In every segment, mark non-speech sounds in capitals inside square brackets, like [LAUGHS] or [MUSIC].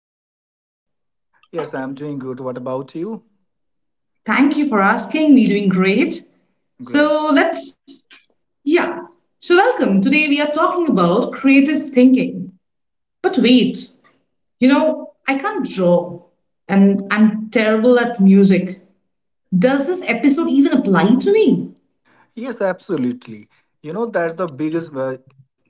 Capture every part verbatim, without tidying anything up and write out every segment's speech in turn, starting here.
how are you doing? Yes, I'm doing good. What about you? Thank you for asking. Me doing great. Great. So, let's yeah. So, welcome. Today we are talking about creative thinking. But wait, you know, I can't draw and I'm terrible at music. Does this episode even apply to me? Yes, absolutely. You know that's the biggest uh,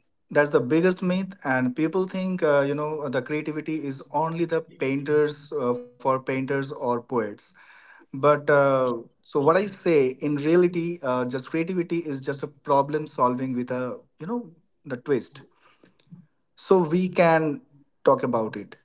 that's the biggest myth, and people think uh, you know the creativity is only the painters uh, for painters or poets. But uh, so what I say in reality, uh, just creativity is just a problem solving with a you know the twist. So we can talk about it.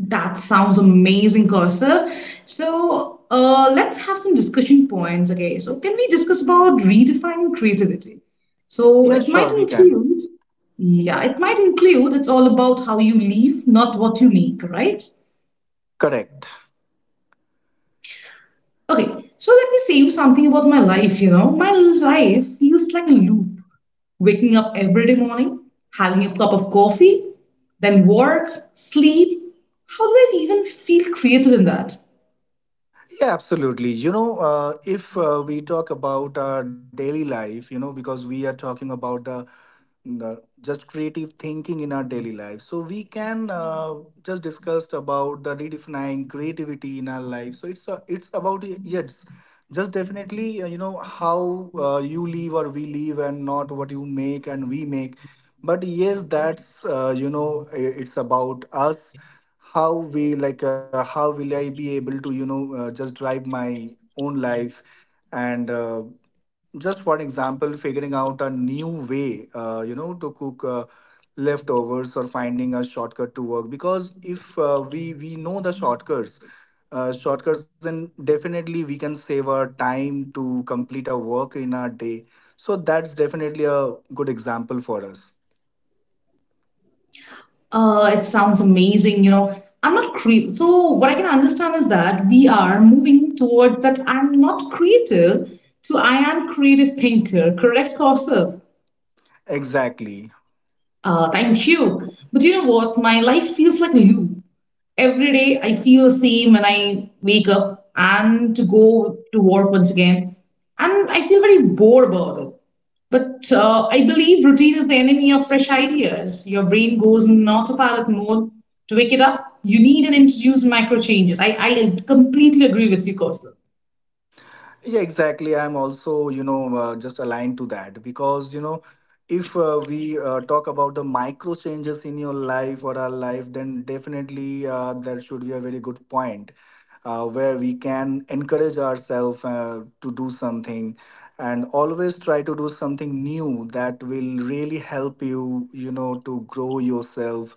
That sounds amazing, Kaustav. So uh, let's have some discussion points. Okay, so can we discuss about redefining creativity? So Yeah, it might sure, we can. include, yeah, it might include, it's all about how you live, not what you make, right? Correct. Okay, so let me say you something about my life, you know. My life feels like a loop. Waking up every day morning, having a cup of coffee, then work, sleep. How do I even feel creative in that? Yeah, absolutely. You know, uh, if uh, we talk about our daily life, you know, because we are talking about the, the just creative thinking in our daily life, so we can uh, just discussed about the redefining creativity in our life. So it's uh, it's about y- yes, just definitely uh, you know how uh, you live or we live, and not what you make and we make. But yes, that's uh, you know i- it's about us how we like uh, how will I be able to you know uh, just drive my own life and uh, just for example figuring out a new way uh, you know to cook uh, leftovers, or finding a shortcut to work, because if uh, we we know the shortcuts uh, shortcuts then definitely we can save our time to complete our work in our day. So that's definitely a good example for us Uh, it sounds amazing, you know. I'm not creative. So what I can understand is that we are moving toward that I'm not creative to I am creative thinker. Correct, Kausav? exactly. Uh, thank you. But you know what? My life feels like a loop every day. I feel the same when I wake up and to go to work once again. And I feel very bored about it. But uh, I believe routine is the enemy of fresh ideas. Your brain goes in autopilot mode. To wake it up, you need and introduce micro changes. I, I completely agree with you, Kaustav. Yeah, exactly. I'm also, you know, uh, just aligned to that because, you know, if uh, we uh, talk about the micro changes in your life or our life, then definitely uh, that should be a very good point uh, where we can encourage ourselves uh, to do something, and always try to do something new that will really help you, you know, to grow yourself.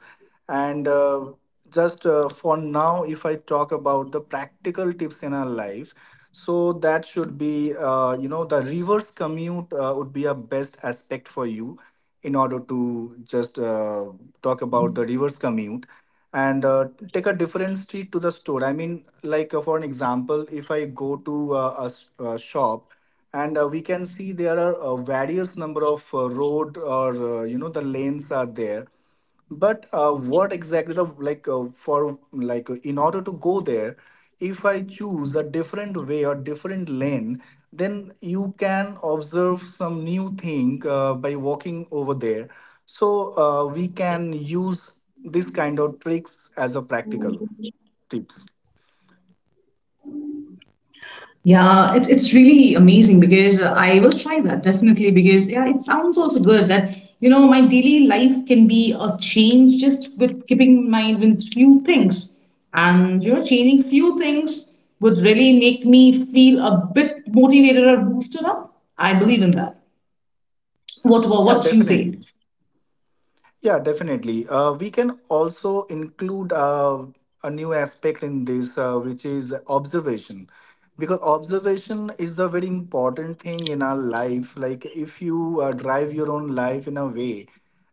And uh, just uh, For now, if I talk about the practical tips in our life, so that should be uh, you know the reverse commute uh, would be a best aspect for you in order to just uh, talk about the reverse commute, and uh, take a different street to the store. I mean, like uh, for an example, if I go to uh, a, s- a shop, and uh, we can see there are uh, various number of uh, road or uh, you know the lanes are there, but uh, what exactly the like uh, for like uh, in order to go there, if I choose a different way or different lane, then you can observe some new thing uh, by walking over there. So uh, we can use this kind of tricks as a practical tips. Yeah, it's it's really amazing because I will try that definitely because yeah, it sounds also good that you know my daily life can be a change just with keeping in mind with few things. And you know, changing few things would really make me feel a bit motivated or boosted up. I believe in that. What about Yeah, what you say? definitely. Yeah, definitely. Uh, we can also include uh, a new aspect in this, uh, which is observation. Because observation is the very important thing in our life. Like, if you uh, drive your own life in a way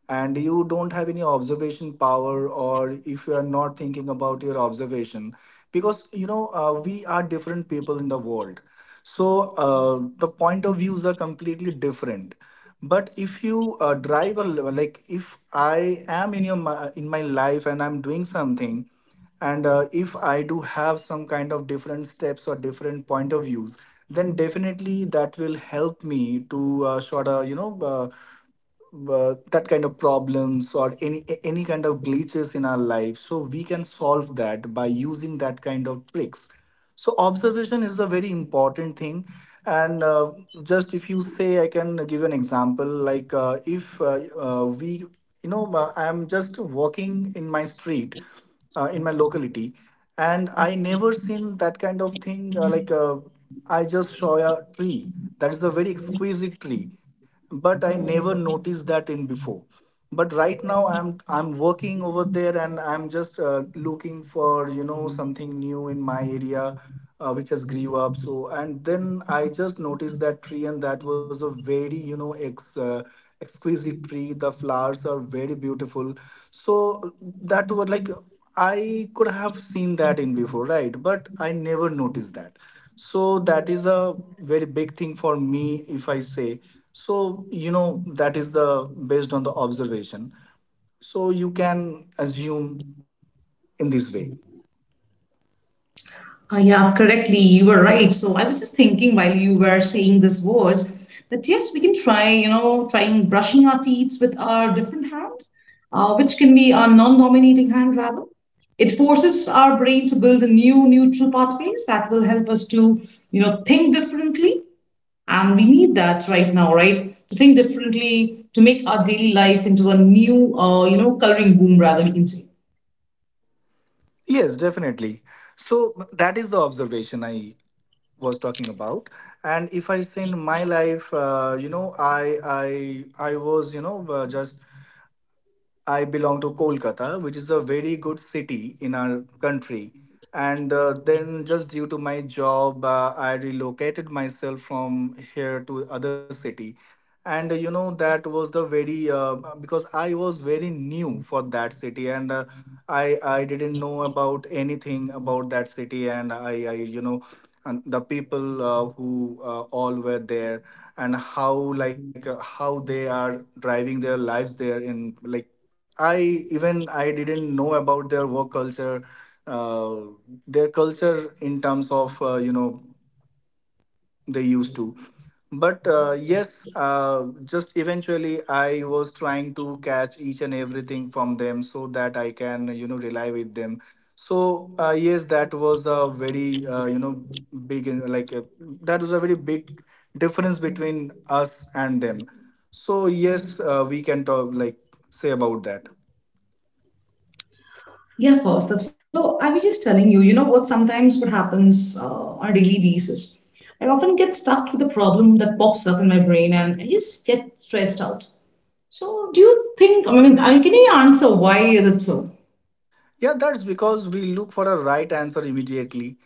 and you don't have any observation power, or if you are not thinking about your observation, because, you know, uh, we are different people in the world. So, uh, the point of views are completely different. But if you uh, drive a l- like if I am in your mi- in my life and I'm doing something, and uh, if I do have some kind of different steps or different point of views, then definitely that will help me to uh, sort of you know uh, uh, that kind of problems or any a- any kind of glitches in our life. So we can solve that by using that kind of tricks. So observation is a very important thing. And uh, just if you say I can give an example, like uh, if uh, uh, we you know, uh, I'm just walking in my street, uh, in my locality, and I never seen that kind of thing. Uh, like uh, I just saw a tree that is a very exquisite tree, but I never noticed that in before. But right now I'm I'm working over there and I'm just uh, looking for you know something new in my area, uh, which has grew up. So and then I just noticed that tree, and that was a very you know ex. Uh, exquisite tree, the flowers are very beautiful. So that was like I could have seen that in before, right, but I never noticed that. So that is a very big thing for me, if I say. So you know that is the based on the observation, so you can assume in this way. Uh, yeah, correctly. You were right. So I was just thinking while you were saying these words that yes, we can try, you know, trying brushing our teeth with our different hand, uh, which can be our non-dominating hand rather. It forces our brain to build a new neutral pathways that will help us to, you know, think differently. And we need that right now, right? To think differently, to make our daily life into a new, uh, you know, coloring boom rather, we can say. Yes, definitely. So that is the observation I was talking about. And if I say in my life, uh, you know i i i was you know uh, just I belong to Kolkata, which is a very good city in our country. And uh, then, just due to my job, uh, I relocated myself from here to other city. And uh, you know that was the very uh, because I was very new for that city, and uh, I I didn't know about anything about that city, and I I you know and the people uh, who uh, all were there, and how like uh, how they are driving their lives there in like I even I didn't know about their work culture, uh, their culture in terms of uh, you know they used to. But uh, yes, uh, just eventually I was trying to catch each and everything from them, so that I can you know rely with them. So uh, yes, that was a very uh, you know big uh, like uh, that was a very big difference between us and them. So yes, uh, we can talk like say about that. Yeah, of Kaustubh. So I was just telling you, you know what sometimes what happens uh, on a daily basis. I often get stuck with a problem that pops up in my brain and I just get stressed out. So do you think, I mean, I- can you answer why is it so? Yeah, that's because we look for a right answer immediately,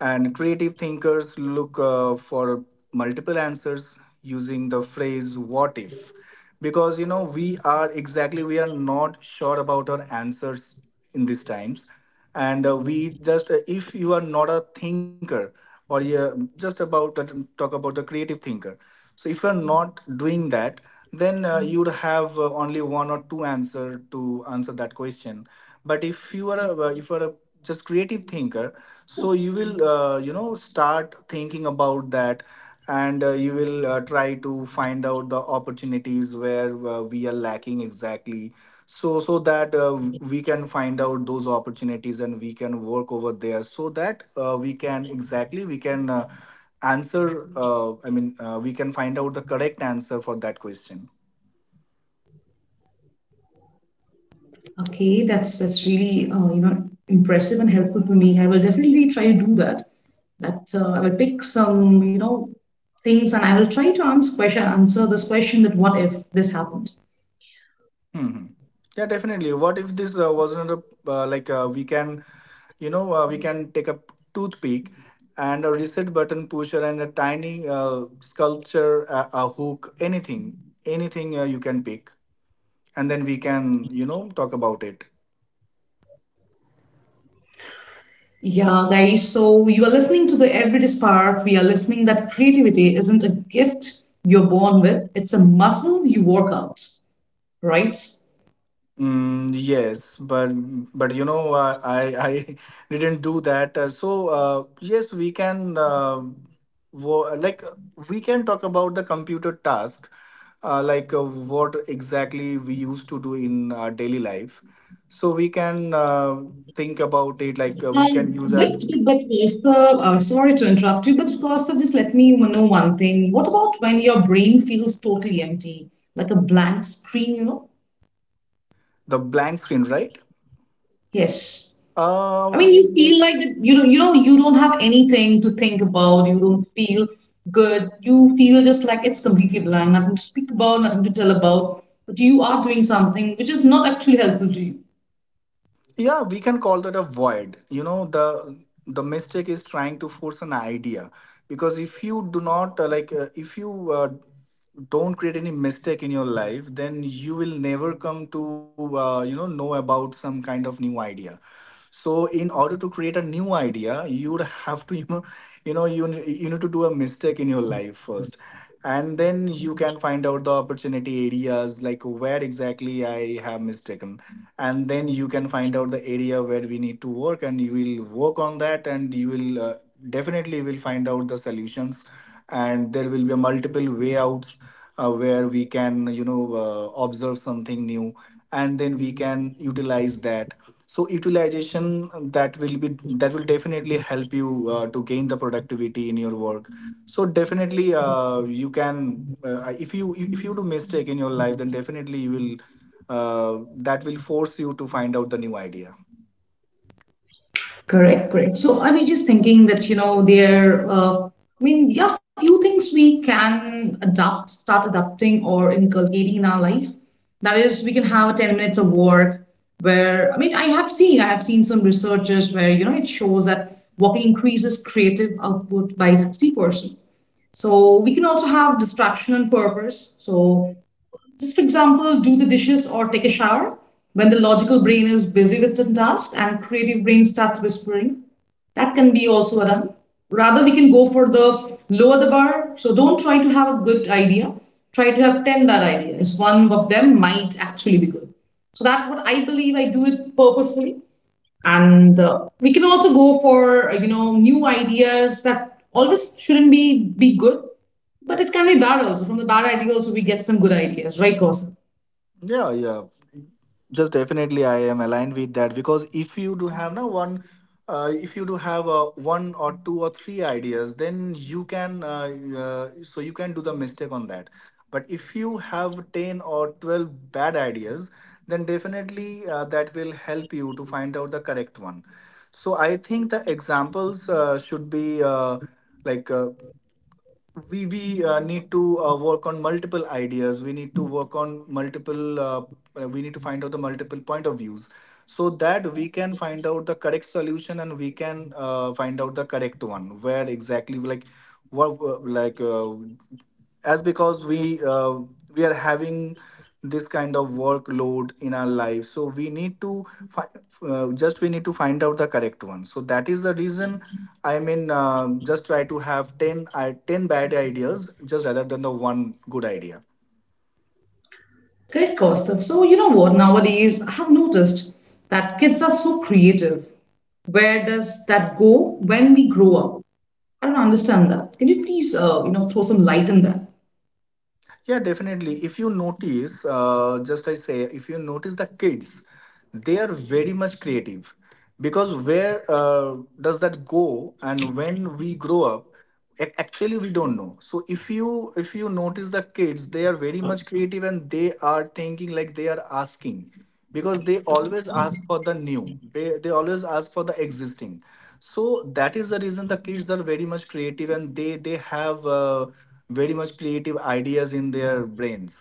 and creative thinkers look uh, for multiple answers using the phrase what if. Because you know, we are exactly, we are not sure about our answers in these times. And uh, we just, uh, if you are not a thinker, or you just about to talk about the creative thinker. So if you're not doing that, then uh, you would have uh, only one or two answer to answer that question. But if you are a, uh, if you are a just creative thinker, so you will uh, you know start thinking about that, and uh, you will uh, try to find out the opportunities where uh, we are lacking exactly. So so that uh, we can find out those opportunities and we can work over there. So that uh, we can exactly we can. Uh, answer uh, i mean uh, we can find out the correct answer for that question. Okay, that's that's really uh, you know impressive and helpful for me. I will definitely try to do that. That uh, I will pick some you know things and I will try to answer question answer this question that what if this happened. Hmm. Hmm. Yeah, definitely. What if this uh, wasn't a uh, like uh, we can you know uh, we can take a toothpick and a reset button pusher and a tiny uh, sculpture a, a hook, anything, anything uh, you can pick, and then we can you know talk about it. Yeah, guys. So you are listening to the Everyday Spark. We are listening that creativity isn't a gift you're born with; it's a muscle you work out, right? Mm, yes, but but you know, uh, I I [LAUGHS] didn't do that. Uh, so uh, yes, we can uh, wo- like uh, we can talk about the computer task, uh, like uh, what exactly we used to do in our daily life. So we can uh, think about it. Like uh, we can Um, use but our but Kaustav, uh, sorry to interrupt you, but Kaustav, just let me know one thing. What about when your brain feels totally empty, like a blank screen? You know? the blank screen, right? Yes. I mean, Uh, you feel like that, you know, you know, you don't have anything to think about. You don't feel good. You feel just like it's completely blank, nothing to speak about, nothing to tell about. But you are doing something which is not actually helpful to you. Yeah, we can call that a void. You know, the the mistake is trying to force an idea. Because if you do not uh, like uh, if you uh, don't create any mistake in your life, then you will never come to uh, you know know about some kind of new idea. So in order to create a new idea, you would have to [LAUGHS] you know you know you, ne- you need to do a mistake in your life first, and then you can find out the opportunity areas, like where exactly I have mistaken. And then you can find out the area where we need to work, and you will work on that, and you will uh, definitely will find out the solutions. And there will be multiple way outs, uh, where we can you know uh, observe something new, and then we can utilize that. So utilization, that will be that will definitely help you uh, to gain the productivity in your work. So definitely uh, you can uh, if you if you do mistake in your life, then definitely you will uh, that will force you to find out the new idea. Correct, correct. So I was just thinking that, you know, there, uh, I mean, there are few things we can adopt, start adopting or inculcating in our life. That is, we can have ten minutes of work where, I mean, I have seen, I have seen some researchers where, you know, it shows that walking increases creative output by sixty percent. So we can also have distraction and purpose. So just for example, do the dishes or take a shower when the logical brain is busy with the task and creative brain starts whispering. That can be also done. Rather, we can go for the lower the bar. So don't try to have a good idea. Try to have ten bad ideas. One of them might actually be good. So that what I believe I do it purposefully and uh, we can also go for uh, you know new ideas that always shouldn't be be good, but it can be bad also. From the bad idea also we get some good ideas, right Kaustav? Yeah, yeah. Just definitely, I am aligned with that. Because if you do have now one, uh, if you do have uh, one or two or three ideas, then you can uh, uh, so you can do the mistake on that. But if you have ten or twelve bad ideas, then definitely uh, that will help you to find out the correct one. So I think the examples uh, should be uh, like. Uh, we we uh, need to uh, work on multiple ideas. We need to work on multiple uh, uh, we need to find out the multiple point of views, so that we can find out the correct solution and we can uh, find out the correct one where exactly like what uh, like uh, as because we uh, we are having this kind of workload in our life, so we need to fi- uh, just we need to find out the correct one. So that is the reason, I mean, uh, just try to have ten, i- ten bad ideas just rather than the one good idea. Correct, Kaustav. So you know what, nowadays I have noticed that kids are so creative. Where does that go when we grow up? I don't understand that. Can you please uh, you know throw some light in that? Yeah, definitely. If you notice, uh, just I say, if you notice the kids, they are very much creative. Because where uh, does that go and when we grow up, ac- actually we don't know. So if you if you notice the kids, they are very much creative and they are thinking like they are asking, because they always ask for the new. They, they always ask for the existing. So that is the reason the kids are very much creative and they they have, uh, very much creative ideas in their brains.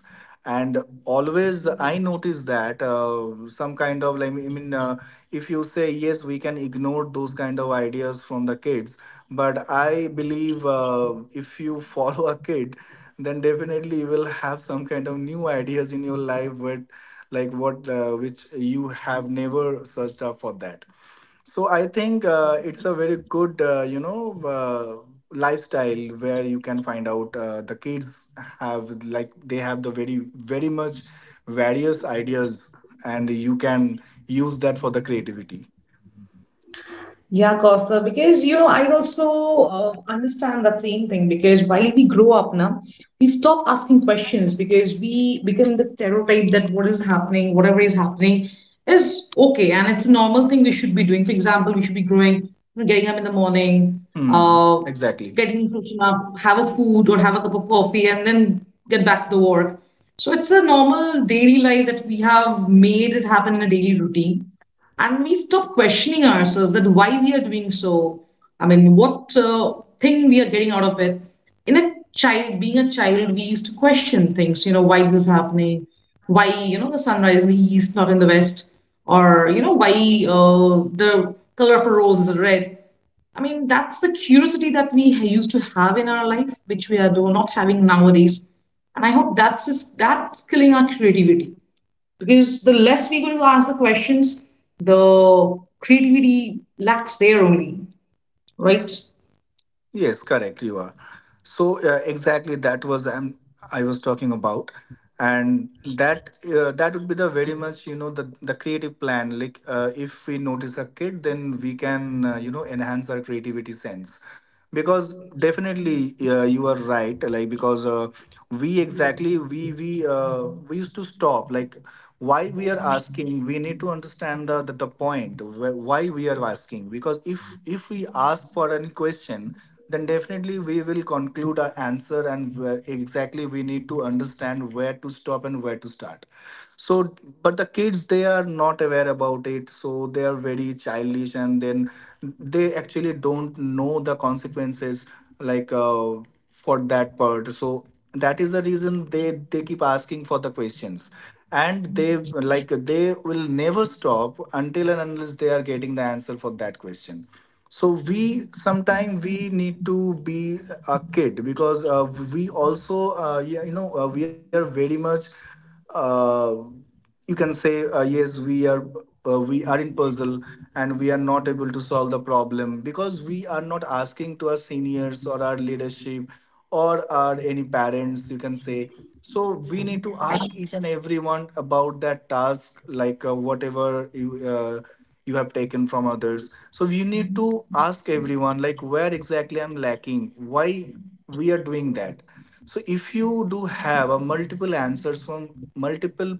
And always I notice that, uh, some kind of like I mean uh, if you say yes, we can ignore those kind of ideas from the kids. But I believe, uh, if you [LAUGHS] follow a kid, then definitely you will have some kind of new ideas in your life. But like what uh, which you have never searched up for that. So I think uh, it's a very good, uh, you know, uh, lifestyle where you can find out uh, the kids have like they have the very very much various ideas, and you can use that for the creativity. Yeah, Costa, because you know, I also uh, understand that same thing because while we grow up now, we stop asking questions because we become the stereotype that what is happening, whatever is happening, is okay and it's a normal thing we should be doing. For example, we should be growing, getting up in the morning, Hmm. uh, Exactly. getting freshen up, have a food or have a cup of coffee, and then get back to work. So it's a normal daily life that we have made it happen in a daily routine and we stop questioning ourselves that why we are doing so. I mean what uh, thing we are getting out of it. In a child, being a child, we used to question things, you know, why this is happening, why you know the sunrise in the east not in the west, or you know why uh, the color of a rose is red. I mean that's the curiosity that we ha- used to have in our life, which we are do- not having nowadays. And I hope that's is- that's killing our creativity, because the less we're going to ask the questions, the creativity lacks there only, right? Yes, correct. You are. So uh, exactly that was um, I was talking about. And that uh, that would be the very much, you know, the the creative plan. Like uh, if we notice a kid, then we can, uh, you know, enhance our creativity sense. Because definitely uh, you are right, like because uh, we exactly we we uh, we used to stop. Like why we are asking, we need to understand the, the the point wh- why we are asking. Because if if we ask for any question, then definitely we will conclude our answer, and where exactly we need to understand where to stop and where to start. So but the kids, they are not aware about it, so they are very childish. And then they actually don't know the consequences, like uh, for that part. So that is the reason they they keep asking for the questions, and they like they will never stop until and unless they are getting the answer for that question. So we sometime we need to be a kid. Because uh, we also uh, yeah, you know, uh, we are very much, uh, you can say, uh, yes we are, uh, we are in puzzle, and we are not able to solve the problem because we are not asking to our seniors or our leadership or our any parents, you can say. So we need to ask each and everyone about that task, like uh, whatever you uh, you have taken from others. So we need to ask everyone like where exactly I'm lacking, why we are doing that. So if you do have a multiple answers from multiple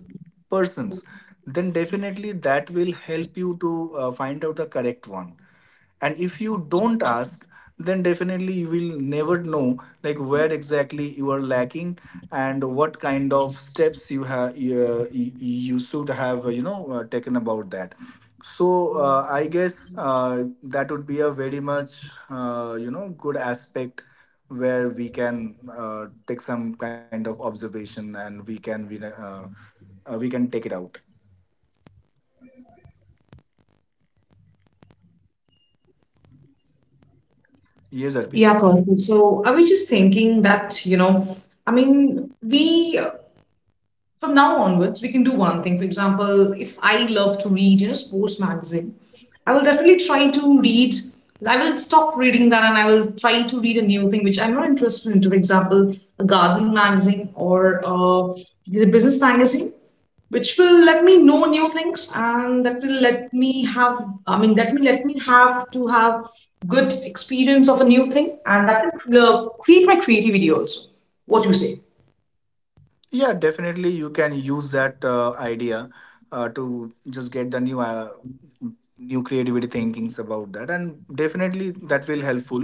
persons, then definitely that will help you to uh, find out the correct one. And if you don't ask, then definitely you will never know like where exactly you are lacking and what kind of steps you have you, you should have, uh, you know uh, taken about that. So uh, I guess uh, that would be a very much, uh, you know good aspect where we can uh, take some kind of observation, and we can we, uh, uh, we can take it out. Yes, Arpita. Yeah, Kaushik. So I was just thinking that, you know, I mean, we from now onwards we can do one thing. For example, if I love to read, you know, sports magazine, I will definitely try to read. I will stop reading that and I will try to read a new thing which I'm not interested in. For example, a gardening magazine or uh, the business magazine, which will let me know new things, and that will let me have I mean that will let me have to have good experience of a new thing, and that will uh, create my creativity also. What do you say? Yeah, definitely you can use that uh, idea uh, to just get the new uh, new creativity thinkings about that, and definitely that will helpful.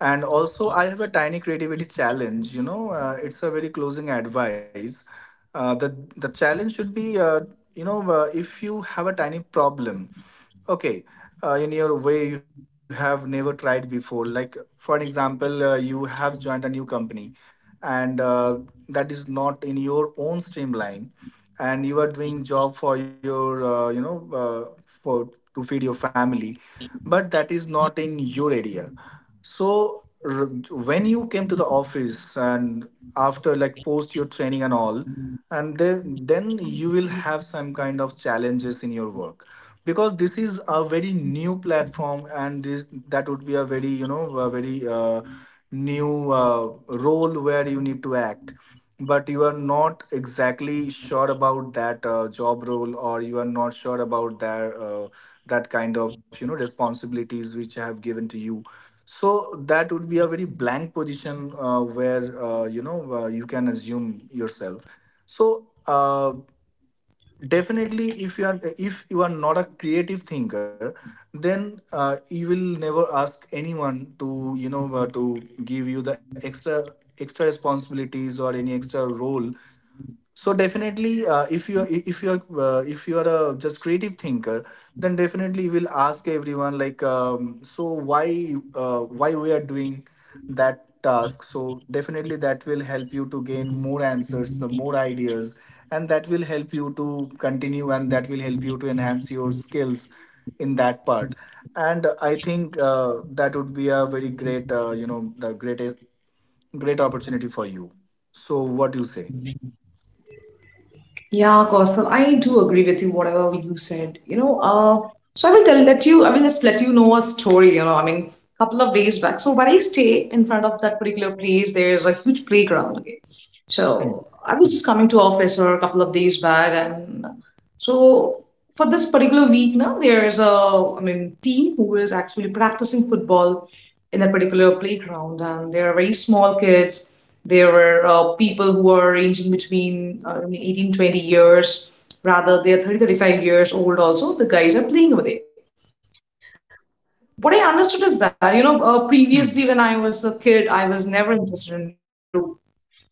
And also I have a tiny creativity challenge, you know, uh, it's a very closing advice. Uh, the the challenge should be, uh, you know uh, if you have a tiny problem. Okay, uh, in your way you have never tried before. Like for an example, uh, you have joined a new company, and uh, that is not in your own streamline, and you are doing job for your, uh, you know, uh, for to feed your family, but that is not in your area. So r- when you came to the office and after like post your training and all, and then then you will have some kind of challenges in your work. Because this is a very new platform, and this that would be a very, you know, a very, uh, new uh, role where you need to act, but you are not exactly sure about that uh, job role, or you are not sure about that, uh, that kind of, you know, responsibilities which I have given to you. So that would be a very blank position, uh, where uh, you know uh, you can assume yourself. So uh, definitely if you are if you are not a creative thinker, then uh, you will never ask anyone to, you know, uh, to give you the extra extra responsibilities or any extra role. So definitely uh, if you if you are uh, if you are a just creative thinker, then definitely you will ask everyone like um, so why uh, why we are doing that task. So definitely that will help you to gain more answers, the more ideas, and that will help you to continue, and that will help you to enhance your skills in that part. And I think uh, that would be a very great, uh, you know the great great opportunity for you. So what do you say? Yeah, Kaustav, I do agree with you, whatever you said. You know, uh, so I will tell let you, I will just let you know a story, you know, I mean, a couple of days back. So when I stay in front of that particular place, there's a huge playground, okay? So I was just coming to office or a couple of days back, and so for this particular week now, there is a, I mean, team who is actually practicing football in that particular playground. And they are very small kids. There were uh, people who are ranging between uh, eighteen, twenty years. Rather, they are thirty, thirty-five years old also. The guys are playing with it. What I understood is that, you know, uh, previously when I Hmm. was a kid, I was never interested in do,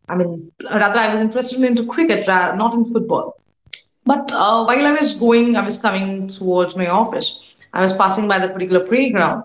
I mean, rather I was interested into cricket, not in football. But uh, while I was going, I was coming towards my office. I was passing by the particular playground.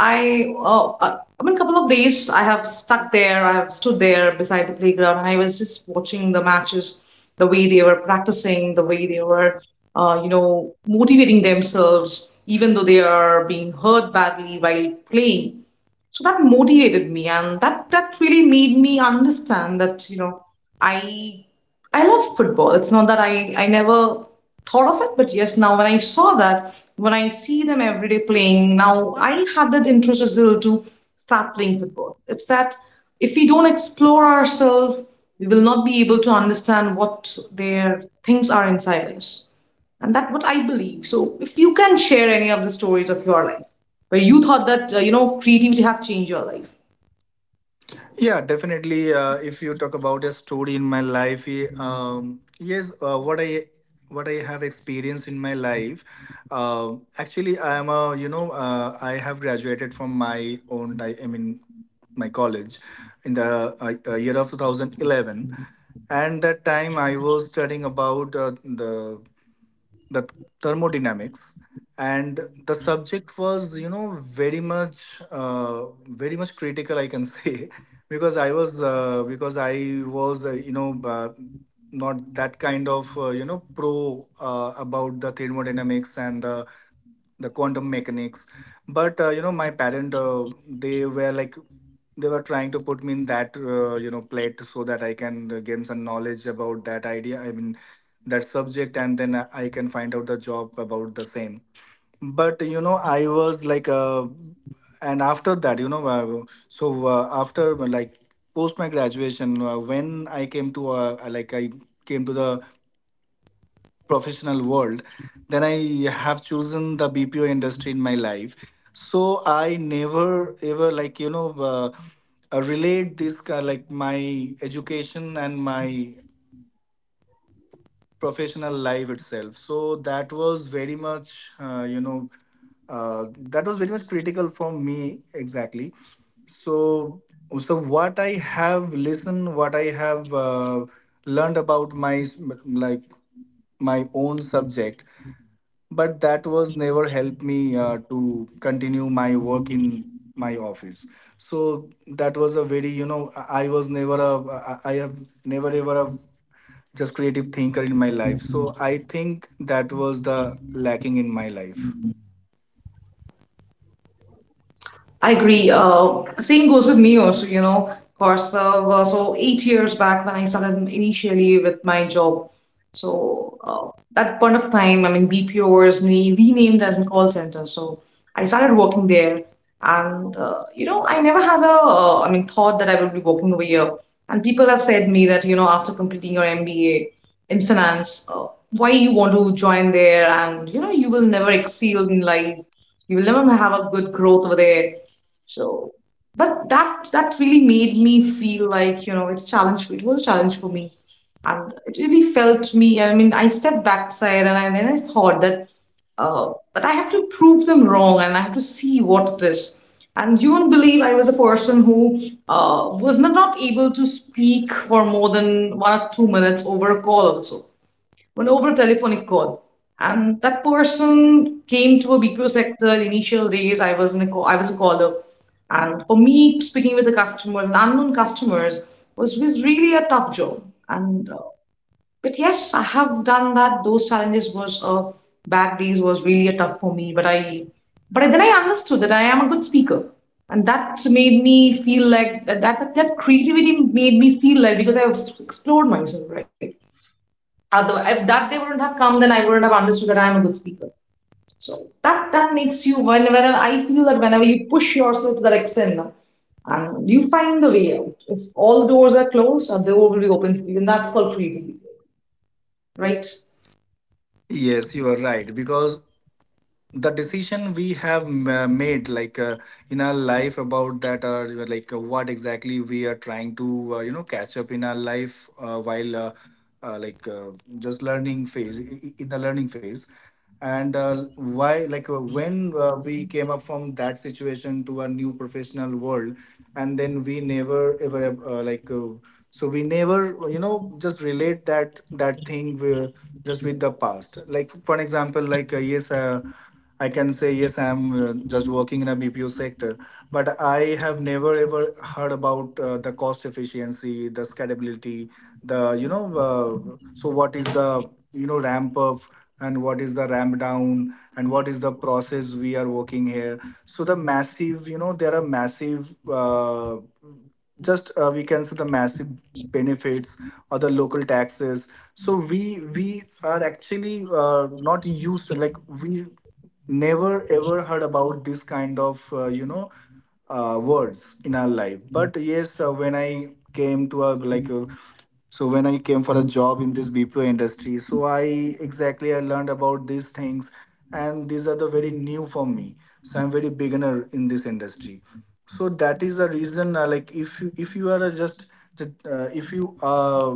I, uh, uh, I mean, couple of days I have stuck there. I have stood there beside the playground, and I was just watching the matches, the way they were practicing, the way they were, uh, you know, motivating themselves, even though they are being hurt badly while playing. So that motivated me, and that that really made me understand that you know i i love football. It's not that i i never thought of it, but yes, now when I saw that, when I see them every day playing, now I had that interest as well to start playing football. It's that if we don't explore ourselves, we will not be able to understand what their things are inside us. And that's what I believe. So if you can share any of the stories of your life where you thought that uh, you know creativity have changed your life. Yeah, definitely. Uh, if you talk about a story in my life, eh, um, yes, uh, what I what I have experienced in my life. Uh, actually, I am a, you know, uh, I have graduated from my own. I, I mean, my college in the uh, uh, year of two thousand eleven. And that time I was studying about, uh, the the thermodynamics. And the subject was, you know, very much, uh, very much critical I can say, [LAUGHS] because I was uh, because I was, uh, you know uh, not that kind of, uh, you know pro, uh, about the thermodynamics and the the quantum mechanics. But, uh, you know, my parent, uh, they were like they were trying to put me in that, uh, you know plate, so that I can uh, gain some knowledge about that idea, I mean that subject, and then i I can find out the job about the same. But you know I was like, uh, and after that you know uh, so uh, after like post my graduation uh, when I came to, uh, like I came to the professional world. Then I have chosen the BPO industry in my life. So I never ever like, you know, uh, uh, relate this, ki- like my education and my professional life itself. So that was very much, uh, you know uh, that was very much critical for me, exactly. So so what I have listened, what I have uh, learned about my s- like my own subject, but that was never helped me uh, to continue my work in my office. So that was a very, you know, i I was never a, i I have never ever a just creative thinker in my life. So I think that was the lacking in my life. I agree. Uh, same goes with me also, you know, course, uh, well, so eight years back when I started initially with my job. So uh, that point of time, I mean, B P O was re- renamed as a call center. So I started working there, and uh, you know, I never had a, uh, I mean, thought that I would be working over here. And people have said me that, you know, after completing your M B A in finance, uh, why you want to join there, and you know, you will never excel in life. You will never have a good growth over there. So, but that that really made me feel like, you know, it's challenge for it was a challenge for me. And it really felt me, I mean, I stepped backside and I, then I thought that, uh, but I have to prove them wrong and I have to see what it is. And you won't believe I was a person who uh, was not, not able to speak for more than one or two minutes over a call also when over a telephonic call. And that person came to a B P O sector. Initial days, I was in a I was a caller, and for me, speaking with the customers unknown customers was was really a tough job. And uh, but yes, I have done that. Those challenges was uh, bad days was really a tough for me. But I but I, then I understood that I am a good speaker, and that made me feel like that that, that creativity made me feel like because I was explored myself, right? Otherwise, if that day wouldn't have come, then I wouldn't have understood that I am a good speaker. So that that makes you whenever I feel that whenever you push yourself to that extent, and you find the way out. If all doors are closed, a door will be open for you, and that's called creativity, right? Yes, you are right. Because the decision we have ma- made like uh, in our life about that, or like uh, what exactly we are trying to, uh, you know, catch up in our life, uh, while uh, uh, like uh, just learning phase i- i- in the learning phase. And uh, why like uh, when uh, we came up from that situation to a new professional world, and then we never ever, uh, like uh, so we never, you know, just relate that that thing with, just with the past. Like for an example, like uh, yes uh, I can say, yes, I'm, uh, just working in a B P O sector, but I have never ever heard about uh, the cost efficiency, the scalability, the, you know, uh, so what is the, you know, ramp up, and what is the ramp down, and what is the process we are working here. So the massive, you know, there are massive, uh, just uh, we can say the massive benefits or the local taxes. So we we are actually uh, not used to, like we never ever heard about this kind of uh, you know uh, words in our life. But yes, uh, when I came to a like a, so when I came for a job in this bpo industry, so I exactly I learned about these things, and these are the very new for me, so I'm very beginner in this industry. So that is the reason, uh, like if you if you are a just uh, if you uh,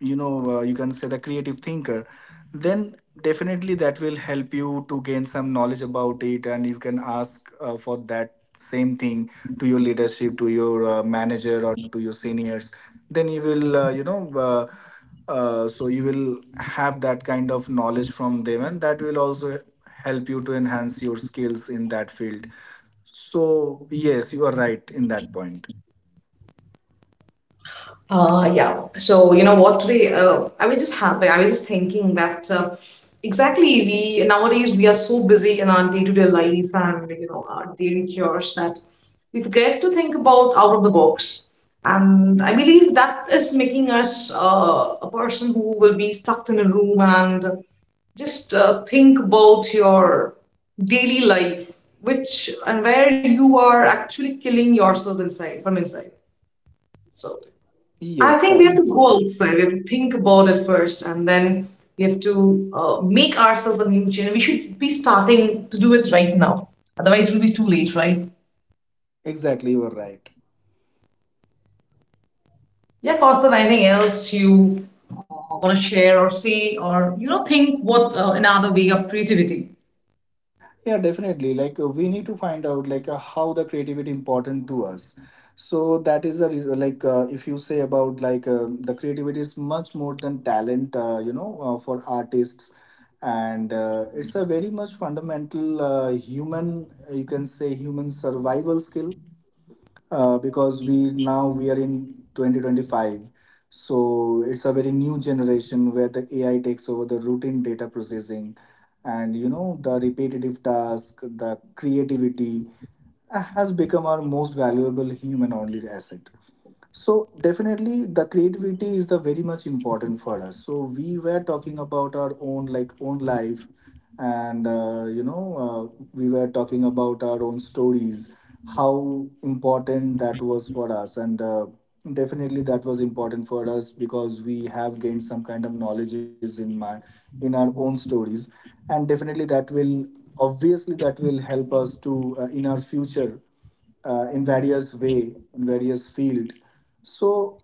you know uh, you can say the creative thinker, then definitely that will help you to gain some knowledge about it, and you can ask uh, for that same thing to your leadership, to your uh, manager, or to your seniors. Then you will uh, you know uh, uh, so you will have that kind of knowledge from them, and that will also help you to enhance your skills in that field. So yes, you are right in that point. Uh, yeah. So, you know what, today, uh, I was just happy. I was just thinking that uh, exactly we nowadays we are so busy in our day-to-day life and, you know, our daily chores that we forget to think about out of the box. And I believe that is making us uh, a person who will be stuck in a room and just uh, think about your daily life, which and where you are actually killing yourself inside from inside. So, I Yes, think we have correct. to go outside. We have to think about it first, and then we have to uh, make ourselves a new change. We should be starting to do it right now. Otherwise, it will be too late, right? Exactly, you are right. Yeah, Kaustav, anything else you uh, want to share or say, or you know, think what uh, another way of creativity? Yeah, definitely. Like uh, we need to find out like uh, how the creativity important to us. So that is a reason. Like uh, if you say about like uh, the creativity is much more than talent. Uh, you know, uh, for artists, and uh, it's a very much fundamental uh, human. You can say human survival skill, uh, because we now we are in twenty twenty-five. So it's a very new generation where the AI takes over the routine data processing, and you know, the repetitive task. The creativity uh, has become our most valuable human only asset. So definitely the creativity is the very much important for us. So we were talking about our own, like own life, and uh, you know uh, we were talking about our own stories, how important that was for us. And uh, definitely that was important for us, because we have gained some kind of knowledges in my, in our own stories. And definitely that will, obviously that will help us to, uh, in our future, uh, in various way, in various field. So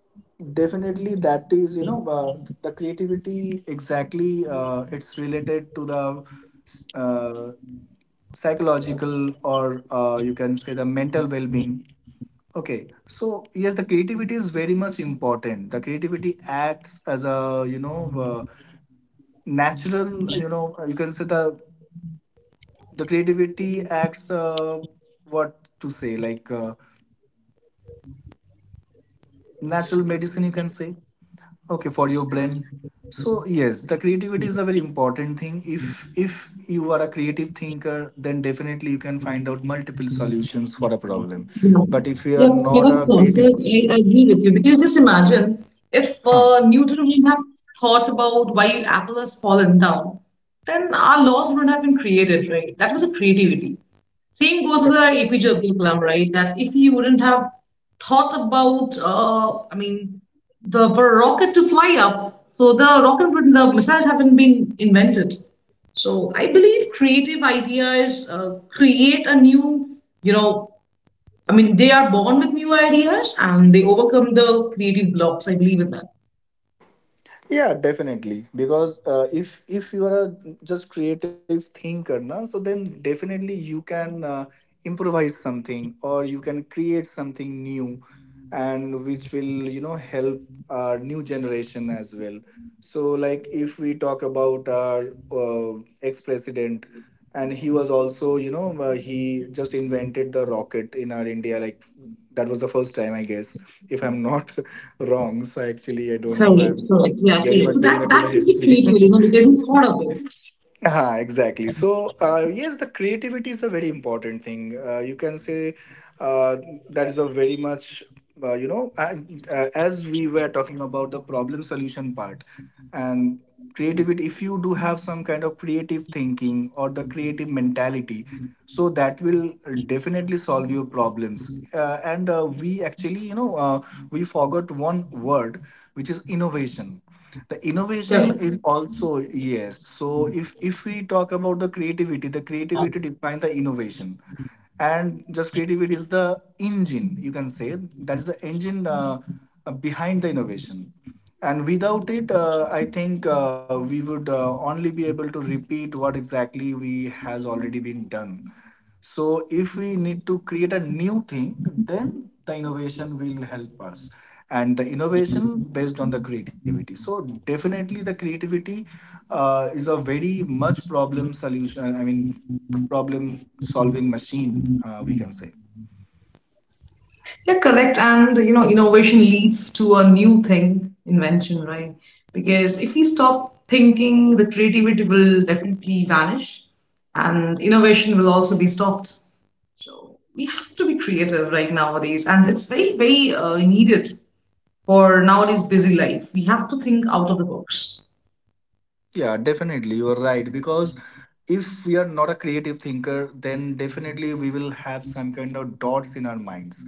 definitely that is, you know uh, the creativity, exactly, uh, it's related to the uh, psychological, or uh, you can say the mental well-being. Okay, so yes, the creativity is very much important. The creativity acts as a, you know uh, natural, you know, you can say the the creativity acts, uh, what to say like uh, natural medicine, you can say. Okay, for your brain. So yes, the creativity is a very important thing. If if you are a creative thinker, then definitely you can find out multiple solutions for a problem, Yeah, but if you are yeah, not correct, a creative. Kaustav. I I agree with you because just imagine if Huh. uh, Newton wouldn't have thought about why Apple has fallen down, then our laws wouldn't have been created, right? That was a creativity. Same goes with our A P J Abdul Kalam, right? That if he wouldn't have thought about, uh, I mean, the for a rocket to fly up, so the rocket would, the missiles haven't been invented. So I believe creative ideas uh, create a new, you know, I mean, they are born with new ideas and they overcome the creative blocks. I believe in that. Yeah, definitely, because uh, if if you are a just creative thinker now, so then definitely you can uh, improvise something, or you can create something new, and which will, you know, help our new generation as well. So like if we talk about our uh, ex-president, and he was also, you know, uh, he just invented the rocket in our india, like that was the first time, I guess. If I'm not [LAUGHS] wrong, so actually I don't know, Correct, I'm correct. Yeah, very correct. much So that digging into that the is the history. creative element [LAUGHS] because you thought of it. Ah, exactly. So, uh, yes, the creativity is a very important thing. Uh, you can say uh, that is a very much, uh, you know, uh, uh, as we were talking about the problem solution part, and creativity, if you do have some kind of creative thinking or the creative mentality, so that will definitely solve your problems. Uh, and uh, we actually, you know, uh, we forgot one word, which is innovation. The innovation Correct. is also, yes, so if if we talk about the creativity, the creativity defines the innovation. And just creativity is the engine, you can say. That is the engine, uh, uh, behind the innovation. And without it, uh, I think uh, we would uh, only be able to repeat what exactly we has already been done. So if we need to create a new thing, then the innovation will help us. And the innovation based on the creativity, so definitely the creativity uh, is a very much problem solution, I mean, problem solving machine, uh, we can say. Yeah, correct. And you know, innovation leads to a new thing, invention, right? Because if we stop thinking, the creativity will definitely vanish and innovation will also be stopped. So we have to be creative right nowadays, and it's very, very uh, needed for nowadays busy life. We have to think out of the box. Yeah, definitely, you are right, because if we are not a creative thinker, then definitely we will have some kind of dots in our minds.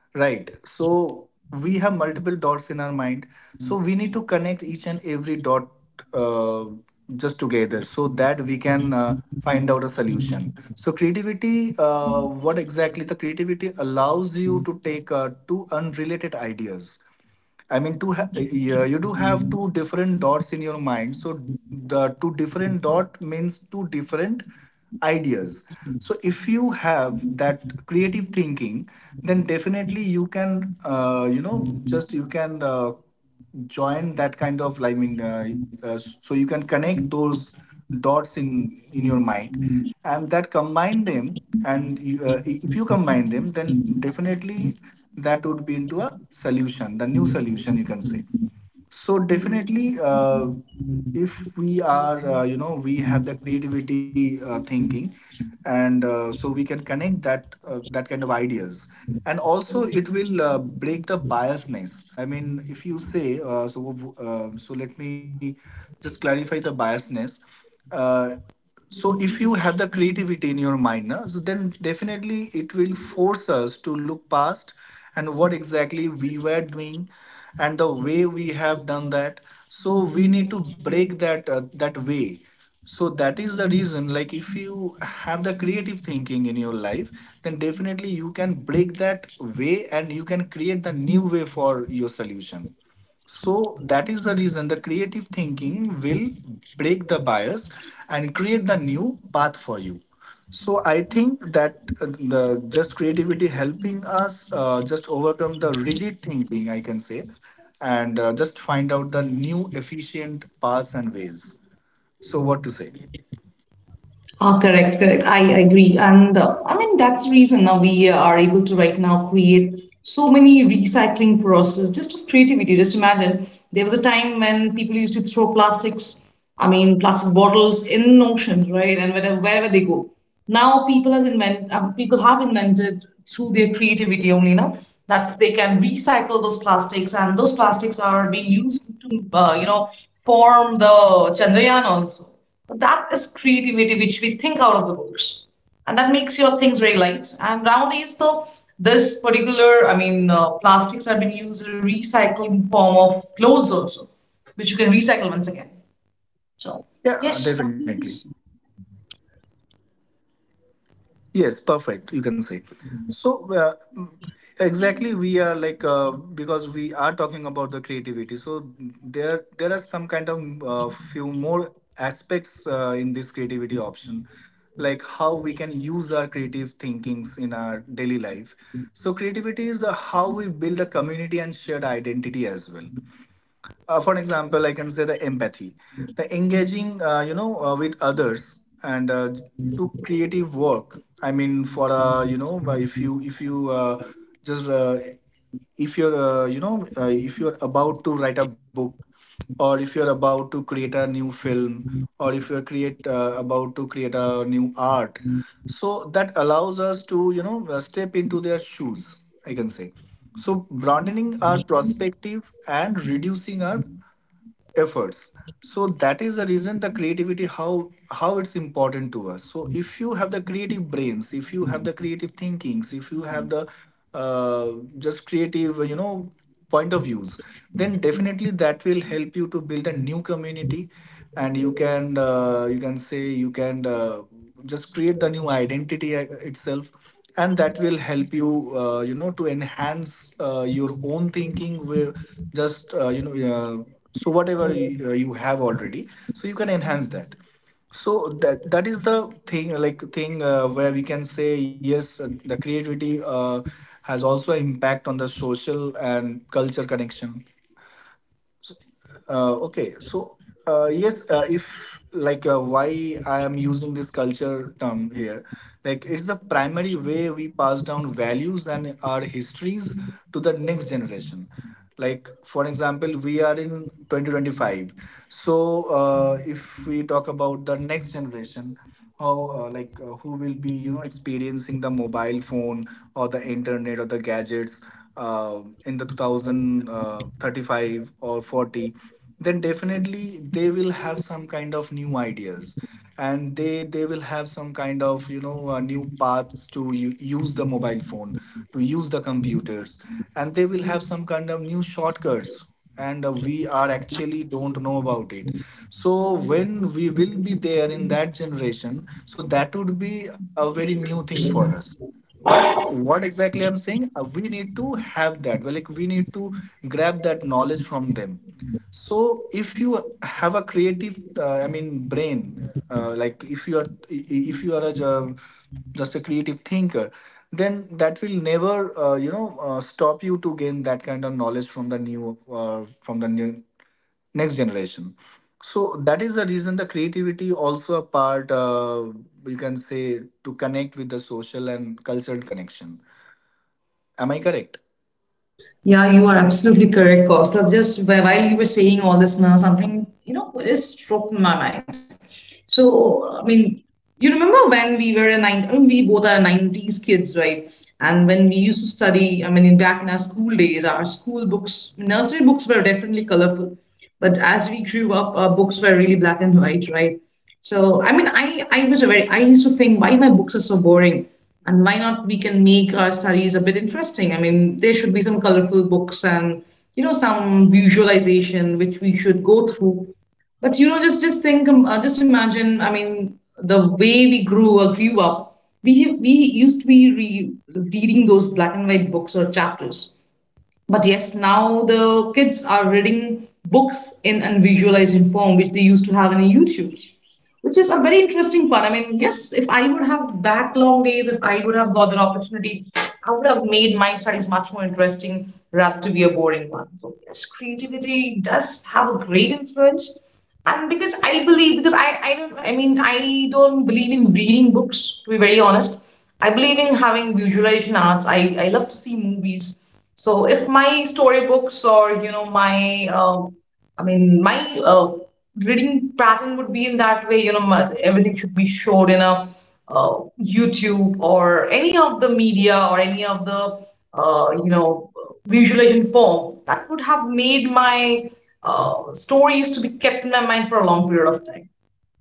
Right. So we have multiple dots in our mind. So we need to connect each and every dot uh, just together, so that we can uh, find out a solution. So creativity, uh, what exactly the creativity allows you to take uh, two unrelated ideas, I mean, to ha- yeah, you do have two different dots in your mind. So the two different dot means two different ideas. So if you have that creative thinking, then definitely you can, uh, you know, just you can. Uh, join that kind of, I mean, uh, uh, so you can connect those dots in in your mind, and that combine them, and you, uh, if you combine them, then definitely that would be into a solution, the new solution, you can say. So definitely, uh, if we are, uh, you know we have the creativity uh, thinking, and uh, so we can connect that uh, that kind of ideas. And also it will uh, break the biasness, I mean, if you say, uh, so uh, so let me just clarify the biasness. Uh, so if you have the creativity in your mind na, so then definitely it will force us to look past, and what exactly we were doing, and the way we have done that. So we need to break that, uh, that way. So that is the reason, like if you have the creative thinking in your life, then definitely you can break that way, and you can create the new way for your solution. So that is the reason the creative thinking will break the bias, and create the new path for you. So I think that uh, the just creativity helping us uh, just overcome the rigid thinking, I can say, and uh, just find out the new efficient paths and ways. So what to say? Ah, correct, correct. I agree. And uh, I mean, that's the reason now we are able to right now create so many recycling process just of creativity. Just imagine there was a time when people used to throw plastics, I mean, plastic bottles in oceans, right? And wherever, wherever they go now people has invent um, people have invented through their creativity only now that they can recycle those plastics and those plastics are being used to uh, you know form the chandrayaan also. But that is creativity which we think out of the box and that makes your things very light and nowadays though this particular i mean uh, plastics have been used in recycling form of clothes also, which you can recycle once again. So Yeah, yes, that is. definitely. Yes, perfect. You can say. So, uh, exactly, we are like, uh, because we are talking about the creativity. So there, there are some kind of uh, few more aspects uh, in this creativity option, like how we can use our creative thinkings in our daily life. So creativity is the, how we build a community and shared identity as well, uh, for an example I can say the empathy, the engaging, uh, you know uh, with others, and uh, to creative work, I mean, for uh, you know by if you if you uh, just uh, if you're uh, you know uh, if you're about to write a book, or if you're about to create a new film, or if you're create uh, about to create a new art, so that allows us to, you know, uh, step into their shoes, I can say. So broadening our perspective and reducing our efforts. So that is the reason the creativity, how how it's important to us. So if you have the creative brains, if you have the creative thinkings, if you have the uh, just creative, you know, point of views, then definitely that will help you to build a new community. And you can, uh, you can say you can uh, just create the new identity uh, itself. And that will help you, uh, you know to enhance uh, your own thinking, where just, uh, you know uh, so whatever you, uh, you have already, so you can enhance that. So that, that is the thing, like thing, uh, where we can say yes, uh, the creativity uh, has also impact on the social and culture connection. Uh, okay, so uh, yes, uh, if, like uh, why I am using this culture term here, like it's the primary way we pass down values and our histories to the next generation. Like for example, we are in twenty twenty-five. So uh, if we talk about the next generation, how, uh, like uh, who will be, you know, experiencing the mobile phone or the internet or the gadgets uh, in the two thousand thirty-five or forty, then definitely they will have some kind of new ideas, and they they will have some kind of, you know uh, new paths to u- use the mobile phone, to use the computers, and they will have some kind of new shortcuts. And uh, we are actually don't know about it. So when we will be there in that generation, so that would be a very new thing for us. But what exactly I'm saying, uh, we need to have that. Well, like we need to grab that knowledge from them. So if you have a creative, uh, I mean, brain, uh, like if you are if you are a ju- just a creative thinker, then that will never uh, you know uh, stop you to gain that kind of knowledge from the new uh, from the new next generation. So that is the reason, the creativity also a part, uh, you can say, to connect with the social and cultural connection. Am I correct? Yeah, you are absolutely correct, Kaustav. Just wh- while you were saying all this now, something, you know, just struck my mind. So, I mean, you remember when we were a nine, I mean, we both are nineties kids, right? And when we used to study, I mean, in back in our school days, our school books, nursery books were definitely colorful. But as we grew up, our books were really black and white, right? So I mean, I I was a very I used to think why my books are so boring, and why not we can make our studies a bit interesting. I mean, there should be some colorful books and you know some visualization which we should go through. But you know, just just think, um, uh, just imagine. I mean, the way we grew or grew up, we we used to be re reading those black and white books or chapters, but yes, now the kids are reading books in unvisualized form, which they used to have in YouTubes, which is a very interesting part. I mean, yes, if I would have back long days, if I would have got that opportunity, I would have made my studies much more interesting rather to be a boring one. So yes, creativity does have a great influence. And because I believe, because I, I don't, I mean, I don't believe in reading books, to be very honest. I believe in having visualization arts. I, I love to see movies. So if my storybooks or you know my um I mean my uh, reading pattern would be in that way, you know, my, everything should be showed in a uh, YouTube or any of the media or any of the uh, you know visualization form that would have made my uh, stories to be kept in my mind for a long period of time.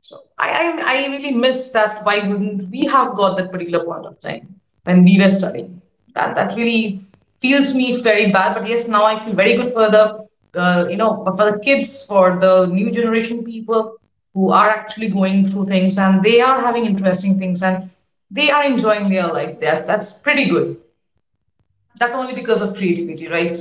So I, I, I really miss that. Why wouldn't we have got that particular point of time when we were studying? That that really feels me very bad. But yes, now I feel very good for the uh, you know for the kids, for the new generation people who are actually going through things and they are having interesting things and they are enjoying their life. That that's pretty good. That's only because of creativity, right?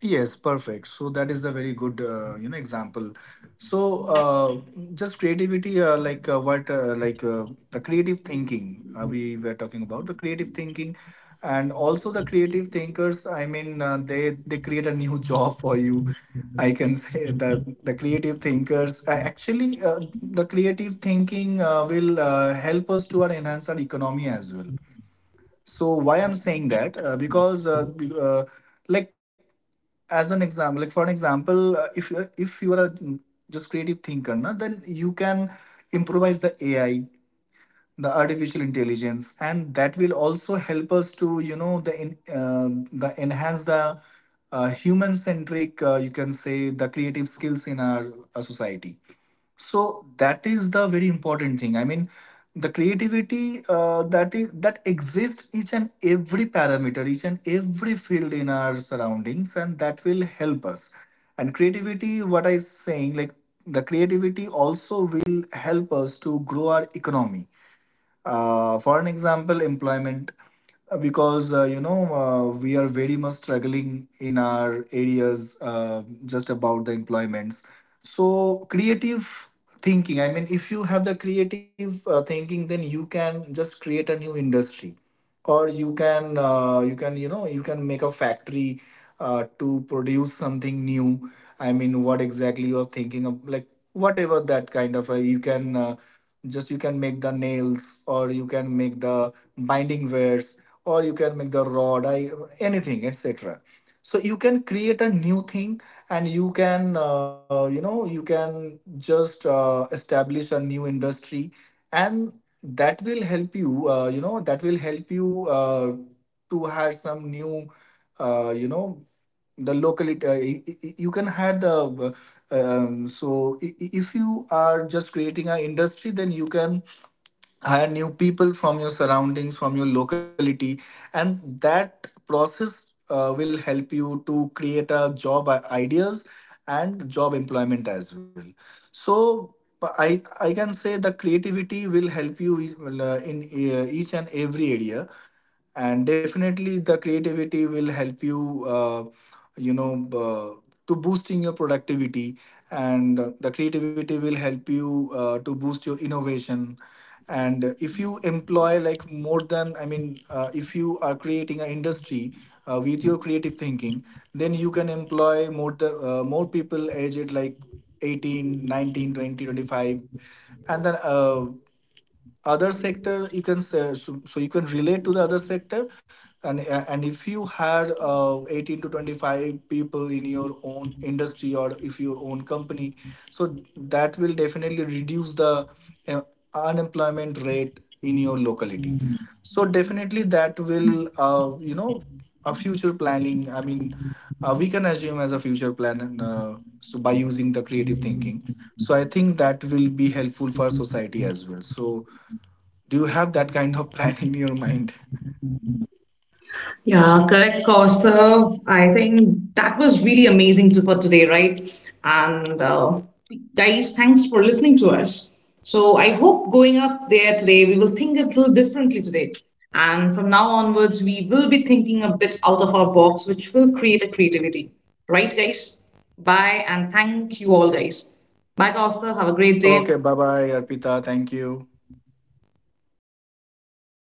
Yes, perfect. So that is the very good, uh, you know, example. So uh, just creativity, uh, like uh, what, uh, like uh, the creative thinking, uh, we were talking about the creative thinking, and also the creative thinkers. I mean, uh, they they create a new [LAUGHS] job for you. I can say that the creative thinkers uh, actually, uh, the creative thinking uh, will uh, help us to our enhance our economy as well. So why I'm saying that, uh, because uh, be- uh, like, as an example, like for an example, uh, if you're if you are a mm, just creative thinker na, then you can improvise the A I, the artificial intelligence, and that will also help us to you know the in, uh, the enhance the, uh, human centric, uh, you can say, the creative skills in our, our society. So that is the very important thing. I mean, the creativity, uh, that is that exists each and every parameter, each and every field in our surroundings, and that will help us. And creativity, what I'm saying, like the creativity also will help us to grow our economy, uh, for an example, employment, uh, because uh, you know uh, we are very much struggling in our areas, uh, just about the employments. So creative thinking. I mean, if you have the creative, uh, thinking, then you can just create a new industry, or you can uh, you can you know you can make a factory uh, to produce something new. I mean, what exactly you are thinking of, like whatever that kind of, uh, you can, uh, just you can make the nails, or you can make the binding wares, or you can make the rod, I, anything, etc. So you can create a new thing, and you can uh, you know you can just uh, establish a new industry, and that will help you uh, you know that will help you uh, to hire some new, uh, you know the local, it- uh, y- y- you can have the, uh, um, so i- i- if you are just creating an industry, then you can hire new people from your surroundings, from your locality. And that process uh, will help you to create a job, i- ideas and job employment as well. So i i can say the creativity will help you, uh, in uh, each and every area. And definitely the creativity will help you uh, you know uh, to boosting your productivity. And uh, the creativity will help you uh, to boost your innovation. And if you employ like more than, I mean, uh, if you are creating an industry, uh, with your creative thinking, then you can employ more the, uh, more people aged like eighteen, nineteen, twenty, twenty-five, and then uh, other sector you can say, so, so you can relate to the other sector. And uh, and if you had, uh, eighteen to twenty-five people in your own industry or if your own company, so that will definitely reduce the, uh, unemployment rate in your locality. So definitely that will, uh, you know a future planning. I mean, uh, we can assume as a future plan, and uh, so by using the creative thinking, so I think that will be helpful for society as well. So do you have that kind of [LAUGHS] plan in your mind? Yeah, correct, Kaustav. I think that was really amazing to, for today, right? And uh, guys, thanks for listening to us. So I hope going up there today, we will think a little differently today. And from now onwards, we will be thinking a bit out of our box, which will create a creativity. Right, guys? Bye, and thank you all, guys. Bye, Kaustav. Have a great day. Okay, bye bye, Arpita. Thank you.